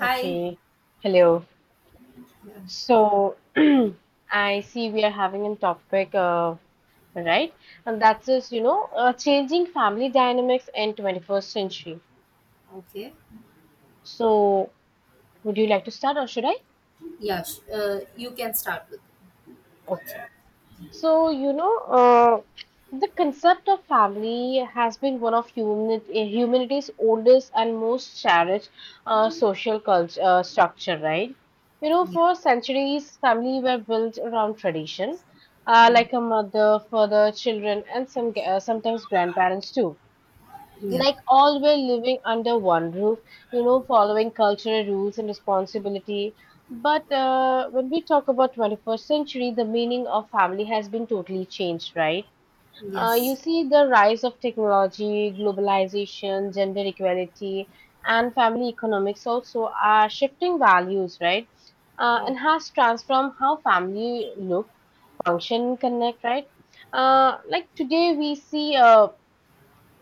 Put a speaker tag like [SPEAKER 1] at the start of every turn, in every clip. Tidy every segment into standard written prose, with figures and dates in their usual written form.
[SPEAKER 1] Hi.
[SPEAKER 2] Okay, hello.
[SPEAKER 1] Yeah.
[SPEAKER 2] So I see we are having a topic of, right, and that's just changing family dynamics in 21st century.
[SPEAKER 1] Okay.
[SPEAKER 2] So would you like to start or should I?
[SPEAKER 1] Yeah. You can start with
[SPEAKER 2] Okay.
[SPEAKER 1] concept.
[SPEAKER 2] So, the concept of family has been one of humanity's oldest and most cherished social culture structure, right?
[SPEAKER 1] Yeah.
[SPEAKER 2] For centuries, family were built around tradition,
[SPEAKER 1] Mm.
[SPEAKER 2] like a mother, father, children, and sometimes grandparents too.
[SPEAKER 1] Yeah.
[SPEAKER 2] Like all were living under one roof, following cultural rules and responsibility. But when we talk about 21st century, the meaning of family has been totally changed, right? You
[SPEAKER 1] Yes.
[SPEAKER 2] see the rise of technology, globalization, gender equality, and family economics also are shifting values, right? Uh,
[SPEAKER 1] Mm.
[SPEAKER 2] and has transformed how family look, function, connect, right? Like today we see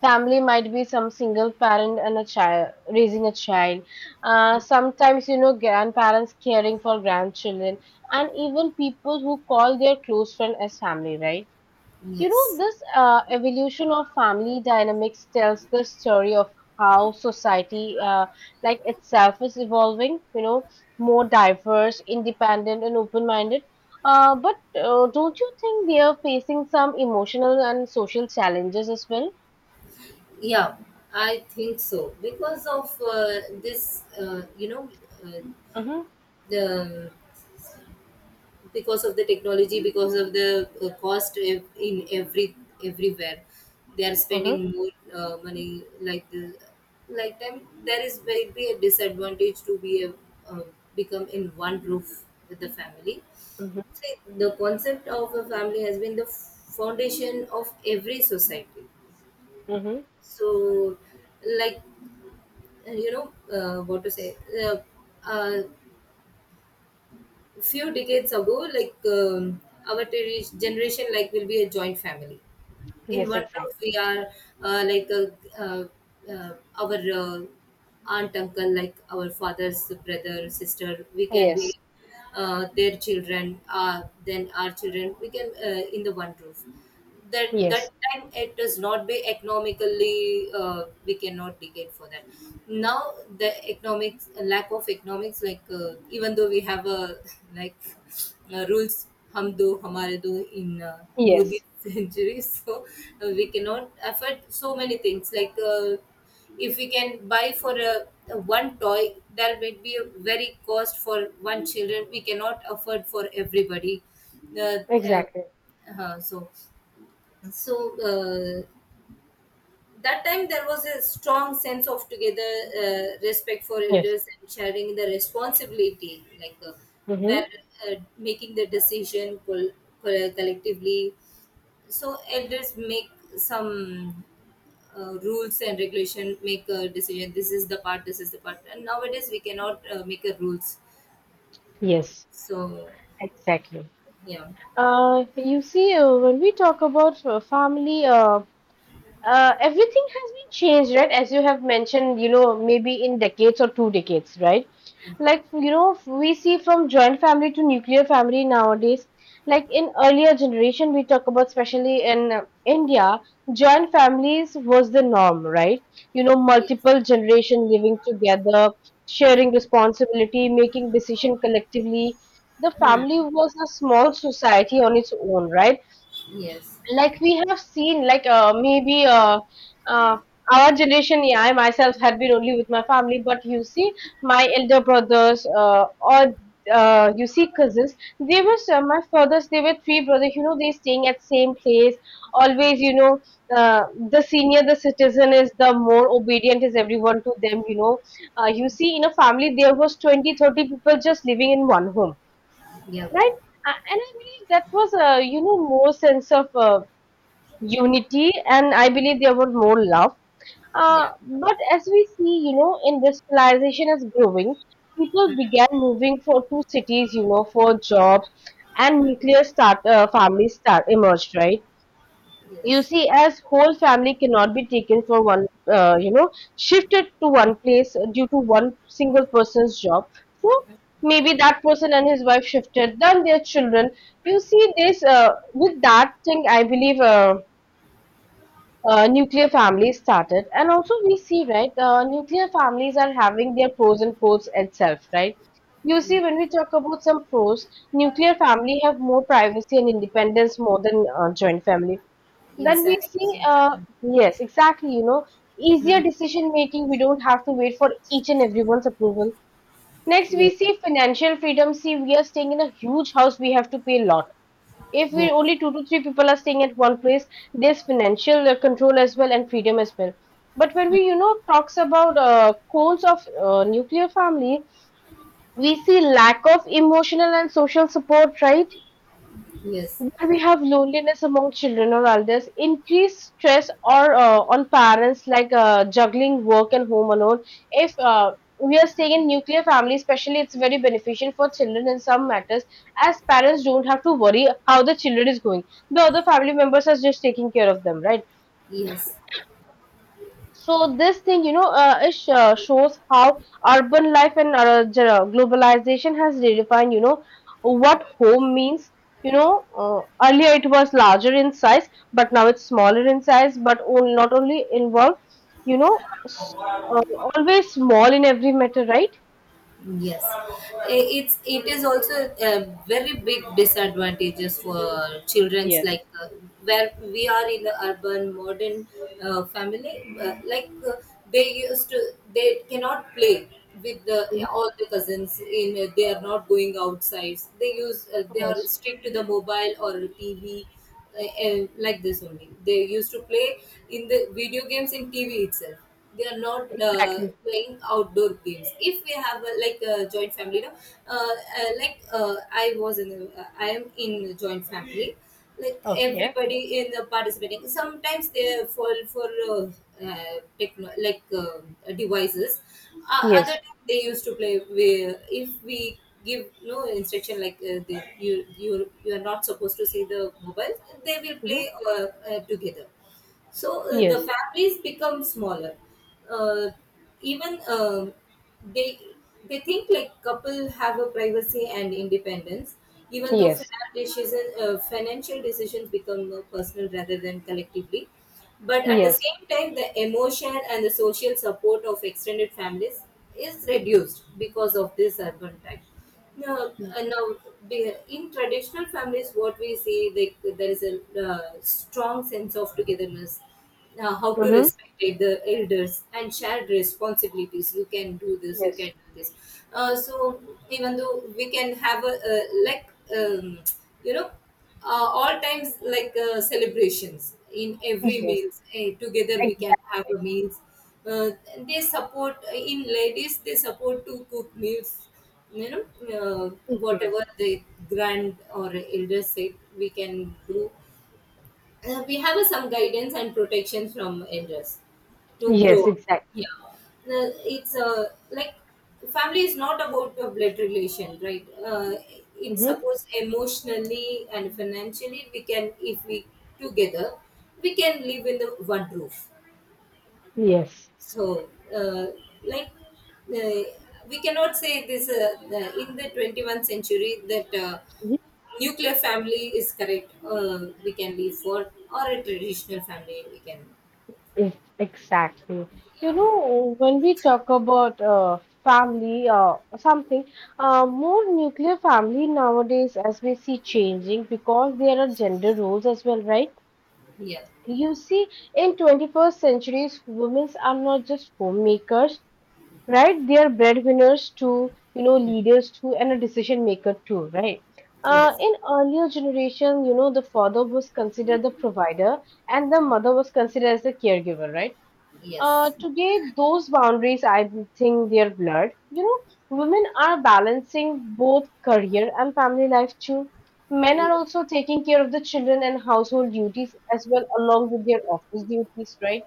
[SPEAKER 2] family might be some single parent and a child raising a child, sometimes grandparents caring for grandchildren, and even people who call their close friend as family, right?
[SPEAKER 1] Yes.
[SPEAKER 2] This evolution of family dynamics tells the story of how society, like itself is evolving, more diverse, independent and open-minded. But don't you think they are facing some emotional and social challenges as well?
[SPEAKER 1] Yeah. I think so because of this. You know, uh,
[SPEAKER 2] Hmm.
[SPEAKER 1] the Because of the technology, because of the cost in every everywhere they are
[SPEAKER 2] Uh-huh.
[SPEAKER 1] spending more money like the like them there is will be a disadvantage to be a, uh, become in one roof with the family.
[SPEAKER 2] Mm-hmm.
[SPEAKER 1] See, the concept of a family has been the foundation of every society,
[SPEAKER 2] Mm-hmm.
[SPEAKER 1] so like what to say, uh, uh, few decades ago like our generation like will be a joint family in
[SPEAKER 2] Yes,
[SPEAKER 1] one roof
[SPEAKER 2] exactly.
[SPEAKER 1] we are uh, like uh, uh, uh, our aunt uncle like our father's brother sister we can be
[SPEAKER 2] Yes.
[SPEAKER 1] their children, then our children we can in the one roof. That
[SPEAKER 2] Yes.
[SPEAKER 1] time it does not be economically, we cannot negate for that. Now the economics, lack of economics, like even though we have a like rules, हम do हमारे do in Modi
[SPEAKER 2] Yes.
[SPEAKER 1] century, so we cannot afford so many things like if we can buy for a one toy there might be a very cost for one children, we cannot afford for everybody. uh, uh,
[SPEAKER 2] Exactly.
[SPEAKER 1] uh, so so uh, that time there was a strong sense of together, respect for
[SPEAKER 2] Yes.
[SPEAKER 1] elders and sharing the responsibility, like where
[SPEAKER 2] Mm-hmm.
[SPEAKER 1] making the decision collectively, so elders make some rules and regulation, make a decision. This is the part, this is the part, and nowadays we cannot make a rules.
[SPEAKER 2] Yes.
[SPEAKER 1] So
[SPEAKER 2] Exactly.
[SPEAKER 1] yeah.
[SPEAKER 2] You see, when we talk about family, everything has been changed, right? As you have mentioned, maybe in decades or two decades, right? Like, we see from joint family to nuclear family nowadays. Like in earlier generation, we talk about, especially in India, joint families was the norm, right?
[SPEAKER 1] Yes.
[SPEAKER 2] Multiple generation living together, sharing responsibility, making decision collectively. The family was a small society on its own, right?
[SPEAKER 1] Yes.
[SPEAKER 2] Like we have seen, like maybe uh, our generation, yeah, I myself had been only with my family. But you see, my elder brothers or you see, cousins, they were my fathers, they were three brothers, you know, they staying at same place always, you know. uh, the senior the citizen is, the more obedient is everyone to them, you know. You see, in a family there was 20-30 people just living in one home,
[SPEAKER 1] Yeah.
[SPEAKER 2] right? And I believe that was, more sense of unity, and I believe there was more love. uh,
[SPEAKER 1] Yeah.
[SPEAKER 2] but as we see, industrialization is growing. People began moving for two cities, for jobs, and nuclear start families start emerged, right?
[SPEAKER 1] Yes.
[SPEAKER 2] You
[SPEAKER 1] Yes.
[SPEAKER 2] see, as whole family cannot be taken for one, uh, you know shifted to one place due to one single person's job. So maybe that person and his wife shifted, then their children. You see this, with that thing I believe nuclear families started. And also, we see, right, nuclear families are having their pros and cons itself, right? You see, when we talk about some pros, nuclear family have more privacy and independence more than joint family.
[SPEAKER 1] Yes,
[SPEAKER 2] Then we
[SPEAKER 1] yes.
[SPEAKER 2] see,
[SPEAKER 1] Yes.
[SPEAKER 2] yes, exactly, easier
[SPEAKER 1] Mm.
[SPEAKER 2] decision making. We don't have to wait for each and everyone's approval. Next, we
[SPEAKER 1] Yes.
[SPEAKER 2] see financial freedom. See, we are staying in a huge house, we have to pay a lot. If we
[SPEAKER 1] Yes.
[SPEAKER 2] only two to three people are staying at one place, there's financial control as well and freedom as well. But when we talks about goals of nuclear family, we see lack of emotional and social support, right?
[SPEAKER 1] Yes.
[SPEAKER 2] Where we have loneliness among children or elders, increased stress or on parents, like juggling work and home alone. If we are staying in nuclear family, especially, it's very beneficial for children in some matters, as parents don't have to worry how the children is going. The other family members are just taking care of them, right?
[SPEAKER 1] Yes.
[SPEAKER 2] So this thing, it shows how urban life and globalization has redefined, what home means. You know, uh, Earlier it was larger in size, but now it's smaller in size. But on, not only involve, you know, s- uh, always small in every matter, right?
[SPEAKER 1] Yes. I- it's, it is also a very big disadvantages for children's
[SPEAKER 2] Yes.
[SPEAKER 1] like where we are in the urban modern family they used to, they cannot play with the
[SPEAKER 2] Mhm.
[SPEAKER 1] all the cousins in they are not going outside, they use they are
[SPEAKER 2] Yes.
[SPEAKER 1] strict to the mobile or TV, like this only. They used to play in the video games in TV itself. They are not
[SPEAKER 2] Exactly.
[SPEAKER 1] playing outdoor games. If we have a, like a joint family, no, I was in, a, I am in a joint family. Like
[SPEAKER 2] Okay.
[SPEAKER 1] everybody in the participating. Sometimes they fall for techno, like devices. Other
[SPEAKER 2] Yes.
[SPEAKER 1] time they used to play. Where if we give no instruction, like the, you are not supposed to see the mobile, they will play
[SPEAKER 2] Hmm.
[SPEAKER 1] uh, together. So the
[SPEAKER 2] Yes.
[SPEAKER 1] families become smaller, uh, even they think like couple have a privacy and independence, even though
[SPEAKER 2] Yes.
[SPEAKER 1] financial decisions, become personal rather than collectively, but at the
[SPEAKER 2] Yes.
[SPEAKER 1] same time the emotion and the social support of extended families is reduced because of this urban type. Now,
[SPEAKER 2] Yes.
[SPEAKER 1] now in traditional families what we see, like there is a strong sense of togetherness, how to
[SPEAKER 2] Mm-hmm.
[SPEAKER 1] respect the elders and shared responsibilities. You can do this, you
[SPEAKER 2] Yes.
[SPEAKER 1] can do this. So even though we can have a like um, you know all times like celebrations in every
[SPEAKER 2] Yes.
[SPEAKER 1] meals, eh, together we can have
[SPEAKER 2] Exactly.
[SPEAKER 1] a meals. uh, they support in ladies, they support to cook meals, you know. uh,
[SPEAKER 2] Mhm.
[SPEAKER 1] Whatever the grand or elders say, we can do. We have some guidance and protection from elders to grow.
[SPEAKER 2] Yes. Exactly.
[SPEAKER 1] Yeah, Uh, it's like family is not about a blood relation, right? Uh, it's
[SPEAKER 2] Mhm.
[SPEAKER 1] supposed emotionally and financially we can, if we together, we can live in the one roof.
[SPEAKER 2] Yes,
[SPEAKER 1] So, like, uh, we cannot say this in the 21st century that nuclear family is correct. We can leave for or a traditional family, we can.
[SPEAKER 2] yes, exactly. When we talk about family or something, more nuclear family nowadays, as we see, changing because there are gender roles as well, right?
[SPEAKER 1] Yeah.
[SPEAKER 2] You see, in 21st centuries, women are not just homemakers, right? They are breadwinners too, leaders too, and a decision maker too, right?
[SPEAKER 1] Yes.
[SPEAKER 2] In earlier generation, the father was considered the provider, and the mother was considered as the caregiver, right?
[SPEAKER 1] Yes.
[SPEAKER 2] Today those boundaries I think they are blurred, women are balancing both career and family life too. Men are
[SPEAKER 1] Yes.
[SPEAKER 2] also taking care of the children and household duties as well along with their office duties, right?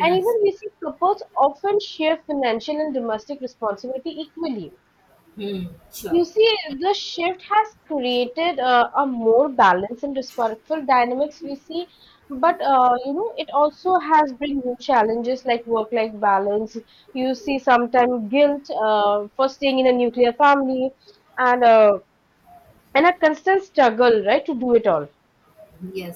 [SPEAKER 2] And even we see couples often share financial and domestic responsibility equally.
[SPEAKER 1] Hmm. Sure.
[SPEAKER 2] You see, the shift has created a more balanced and respectful dynamics we see, but it also has bring new challenges like work-life balance. You see, sometimes guilt for staying in a nuclear family, and uh, and a constant struggle, right, to do it all.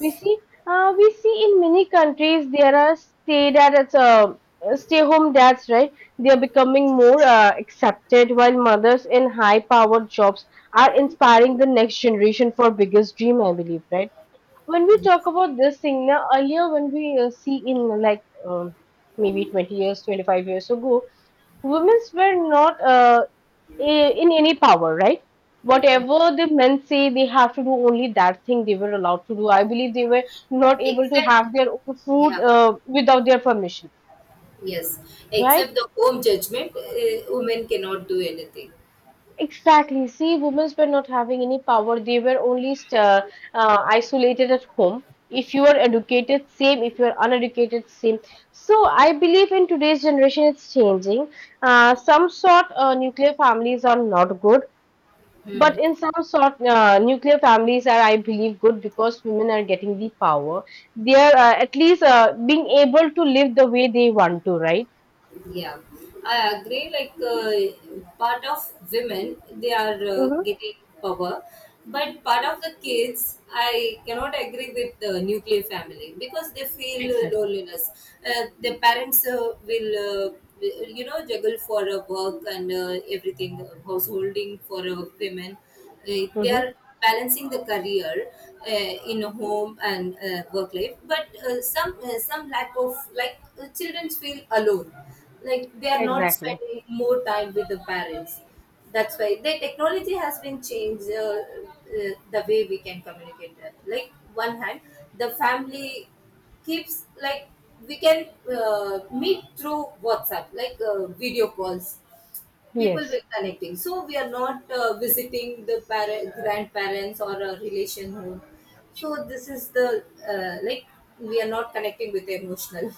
[SPEAKER 2] We see, we see in many countries there are stay-home dads, right? They are becoming more accepted, while mothers in high-powered jobs are inspiring the next generation for biggest dream, I believe, right? When we talk
[SPEAKER 1] Yes.
[SPEAKER 2] about this thing now, earlier when we see in like um, maybe 20 years, 25 years ago, women's were not in any power, right? Whatever the men say, they have to do only that thing they were allowed to do. I believe they were not able to
[SPEAKER 1] Except,
[SPEAKER 2] have their own food
[SPEAKER 1] yeah.
[SPEAKER 2] without their permission,
[SPEAKER 1] Yes.
[SPEAKER 2] right?
[SPEAKER 1] Except the home judgment, women cannot do anything.
[SPEAKER 2] Exactly. See, women were not having any power. They were only isolated at home. If you are educated, same. If you are uneducated, same. So I believe in today's generation, it's changing. Some sort nuclear families are not good. But in some sort, nuclear families are, I believe, good because women are getting the power. They are at least being able to live the way they want to, right?
[SPEAKER 1] Yeah, I agree. Like part of women, they are
[SPEAKER 2] Mm-hmm.
[SPEAKER 1] getting power, but part of the kids, I cannot agree with the nuclear family because they feel
[SPEAKER 2] Exactly.
[SPEAKER 1] loneliness. Their parents will, you know, juggle for work and everything, householding for women. They
[SPEAKER 2] Mm-hmm.
[SPEAKER 1] are balancing the career in home and work life, but some lack of, like children feel alone, like they are not
[SPEAKER 2] Exactly.
[SPEAKER 1] spending more time with the parents. That's why the technology has been changed, the way we can communicate that. Like one hand, the family keeps like we can meet through WhatsApp, like video calls. People
[SPEAKER 2] Yes.
[SPEAKER 1] were connecting, so we are not visiting the parent, grandparents or a relation home. So this is the like we are not connecting with the emotional.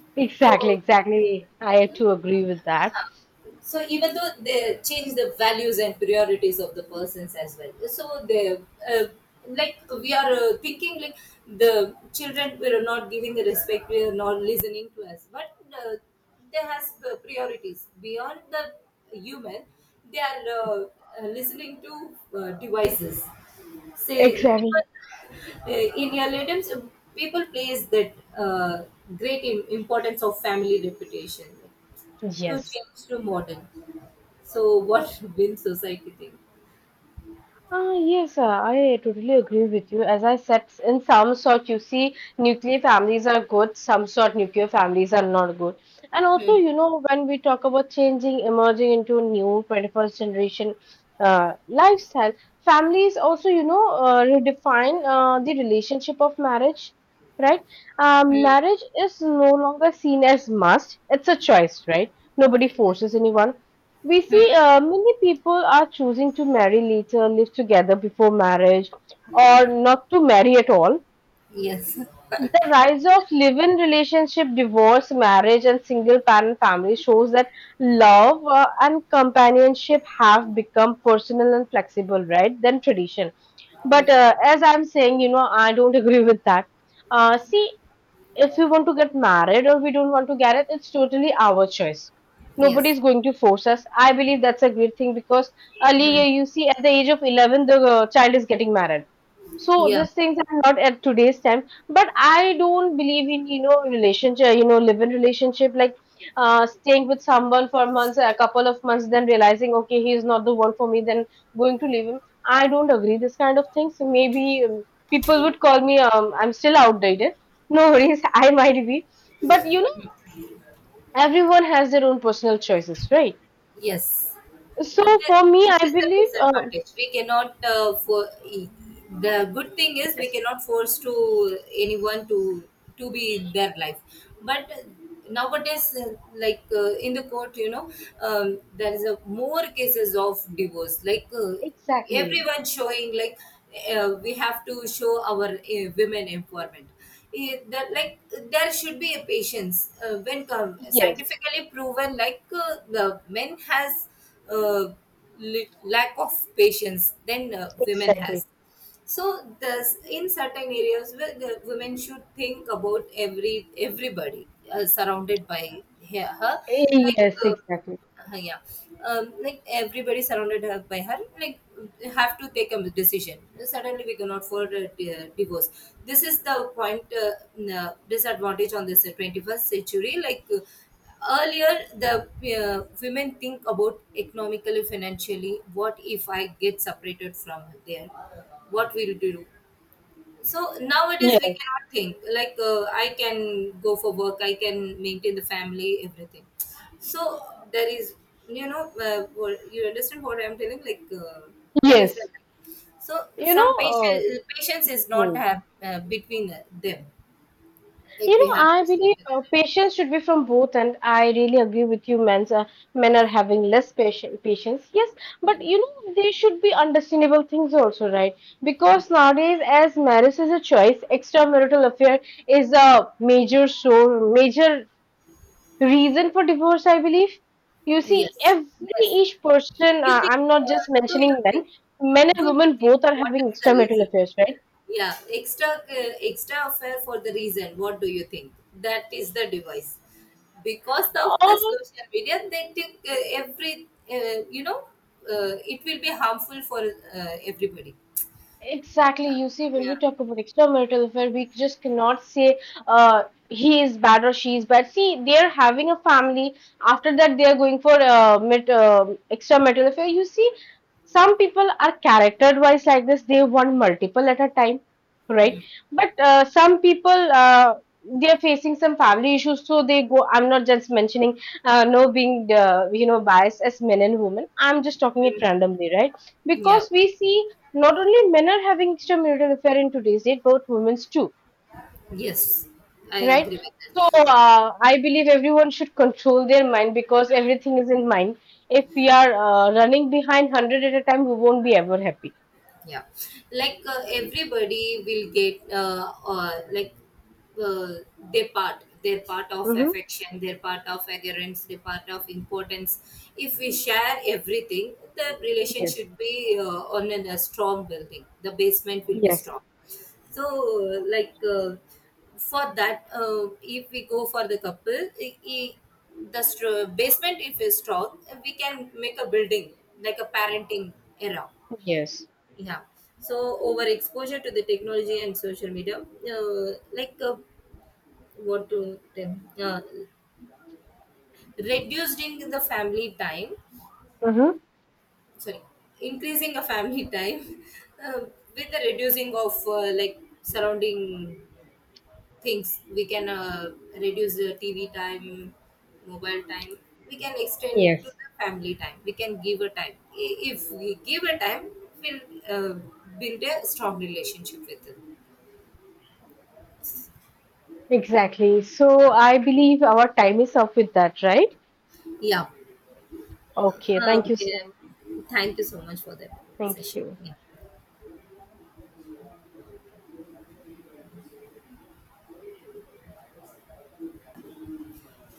[SPEAKER 2] Exactly.
[SPEAKER 1] So
[SPEAKER 2] Exactly. I have to agree with that.
[SPEAKER 1] even though they change the values and priorities of the persons as well, so they like we are thinking like the children were not giving the respect, we are not listening to us, but they has priorities beyond the human. They are listening to devices, say
[SPEAKER 2] Exactly.
[SPEAKER 1] because in earlier times people place that uh, great importance of family reputation, to
[SPEAKER 2] Yes.
[SPEAKER 1] change to modern. So what will society think?
[SPEAKER 2] Ah, yes, I totally agree with you. As I said, in some sort, you see, nuclear families are good, some sort nuclear families are not good. And also,
[SPEAKER 1] Hmm.
[SPEAKER 2] when we talk about changing, emerging into new 21st generation lifestyle, families also, redefine the relationship of marriage, right? Marriage is no longer seen as must, it's a choice, right? Nobody forces anyone. We see many people are choosing to marry later, live together before marriage, or not to marry at all.
[SPEAKER 1] Yes.
[SPEAKER 2] The rise of live-in relationship, divorce, marriage, and single-parent family shows that love and companionship have become personal and flexible, right? Than tradition. But
[SPEAKER 1] Yes.
[SPEAKER 2] as I'm saying, I don't agree with that. See, if we want to get married or we don't want to get it, it's totally our choice. Nobody
[SPEAKER 1] Yes.
[SPEAKER 2] is going to force us. I believe that's a great thing because earlier,
[SPEAKER 1] Hmm.
[SPEAKER 2] you see, at the age of 11, the child is getting married. So
[SPEAKER 1] Yeah.
[SPEAKER 2] these things are not at today's time. But I don't believe in, relationship, live-in relationship, like staying with someone for months, a couple of months, then realizing, okay, he is not the one for me, then going to leave him. I don't agree this kind of things. Maybe people would call me, I'm still outdated. No worries, I might be. But everyone has their own personal choices, right?
[SPEAKER 1] Yes,
[SPEAKER 2] So for me,
[SPEAKER 1] This
[SPEAKER 2] I
[SPEAKER 1] is the
[SPEAKER 2] believe,
[SPEAKER 1] disadvantage. We cannot the good thing is we
[SPEAKER 2] yes,
[SPEAKER 1] cannot force to anyone to be their life. But nowadays, in the court, you know, there is a more cases of divorce. Like
[SPEAKER 2] exactly.
[SPEAKER 1] everyone showing like we have to show our women empowerment, it, that like there should be a patience. When
[SPEAKER 2] Yes,
[SPEAKER 1] scientifically proven like the men has uh, lack of patience than women
[SPEAKER 2] exactly.
[SPEAKER 1] has, so thus in certain areas where the women should think about everybody surrounded by her,
[SPEAKER 2] Eh,
[SPEAKER 1] like
[SPEAKER 2] yes,
[SPEAKER 1] uh,
[SPEAKER 2] exactly.
[SPEAKER 1] yeah, like everybody surrounded her by her, like have to take a decision. Suddenly we cannot afford a divorce. This is the point, disadvantage on this 21st century. Like earlier the women think about economically financially, what if I get separated from there, what will do? So nowadays we
[SPEAKER 2] Yes,
[SPEAKER 1] cannot think like I can go for work, I can maintain the family, everything. So there is, you know, what, you understand what I'm telling? Like there is a
[SPEAKER 2] yes.
[SPEAKER 1] so
[SPEAKER 2] You
[SPEAKER 1] some
[SPEAKER 2] know,
[SPEAKER 1] patience.
[SPEAKER 2] uh,
[SPEAKER 1] Patience is not
[SPEAKER 2] hmm.
[SPEAKER 1] have between them. Like we have
[SPEAKER 2] I
[SPEAKER 1] to stick
[SPEAKER 2] believe
[SPEAKER 1] to them.
[SPEAKER 2] patience should be from both, and I really agree with you. Men are having less patience. Patience, yes, but there should be understandable things also, right? Because nowadays, as marriage is a choice, extramarital affair is a major reason for divorce. I believe. You see,
[SPEAKER 1] Yes,
[SPEAKER 2] every
[SPEAKER 1] yes.
[SPEAKER 2] each person.
[SPEAKER 1] You think?
[SPEAKER 2] I'm not just
[SPEAKER 1] Do you
[SPEAKER 2] mentioning
[SPEAKER 1] think?
[SPEAKER 2] men. Men
[SPEAKER 1] Do
[SPEAKER 2] and
[SPEAKER 1] you
[SPEAKER 2] women
[SPEAKER 1] think?
[SPEAKER 2] both are
[SPEAKER 1] What is
[SPEAKER 2] having
[SPEAKER 1] the
[SPEAKER 2] extramarital
[SPEAKER 1] reason?
[SPEAKER 2] affairs, right?
[SPEAKER 1] Yeah, extra extra affair for the reason. What do you think? That is the device. Because of the social media, they think every you know, it will be harmful for everybody.
[SPEAKER 2] Exactly. You see, when we
[SPEAKER 1] Yeah.
[SPEAKER 2] talk about extramarital affair, we just cannot say uh, he is bad or she is bad. See, they are having a family. After that, they are going for extramarital affair. You see, some people are character-wise like this. They want multiple at a time, right? But some people they are facing some family issues, so they go. I'm not just mentioning no, being biased as men and women. I'm just talking it randomly, right?
[SPEAKER 1] Yeah.
[SPEAKER 2] Because we see not only men are having extramarital affair in today's date, but women's too,
[SPEAKER 1] Yes, I
[SPEAKER 2] right?
[SPEAKER 1] agree with
[SPEAKER 2] So
[SPEAKER 1] that.
[SPEAKER 2] I believe everyone should control their mind because everything is in mind. If we are running behind hundred at a time, we won't be ever happy.
[SPEAKER 1] Yeah, like everybody will get like uh, their part, their part of
[SPEAKER 2] Mm-hmm.
[SPEAKER 1] affection, their part of adherence, their part of importance. If we share everything, the relation
[SPEAKER 2] Yes.
[SPEAKER 1] should be on an, a strong building, the basement will be
[SPEAKER 2] Yes.
[SPEAKER 1] strong. So uh, like uh, for that if we go for the couple, basement if is strong, we can make a building like a parenting era.
[SPEAKER 2] Yes.
[SPEAKER 1] Yeah. So over exposure to the technology and social media what to tell, uh, reducing the family time,
[SPEAKER 2] Mm-hmm.
[SPEAKER 1] sorry, increasing a family time, uh, with the reducing of like surrounding things we can reduce the TV time, mobile time. We can extend to
[SPEAKER 2] Yes.
[SPEAKER 1] the family time, we can give a time. If we give a time, we'll uh, build a strong relationship with it.
[SPEAKER 2] Exactly. So
[SPEAKER 1] Yeah.
[SPEAKER 2] I believe our time is up with that, right?
[SPEAKER 1] Yeah.
[SPEAKER 2] Okay. Thank you
[SPEAKER 1] Okay.
[SPEAKER 2] so much.
[SPEAKER 1] Thank you so much for the
[SPEAKER 2] Thank
[SPEAKER 1] session.
[SPEAKER 2] you.
[SPEAKER 1] Yeah.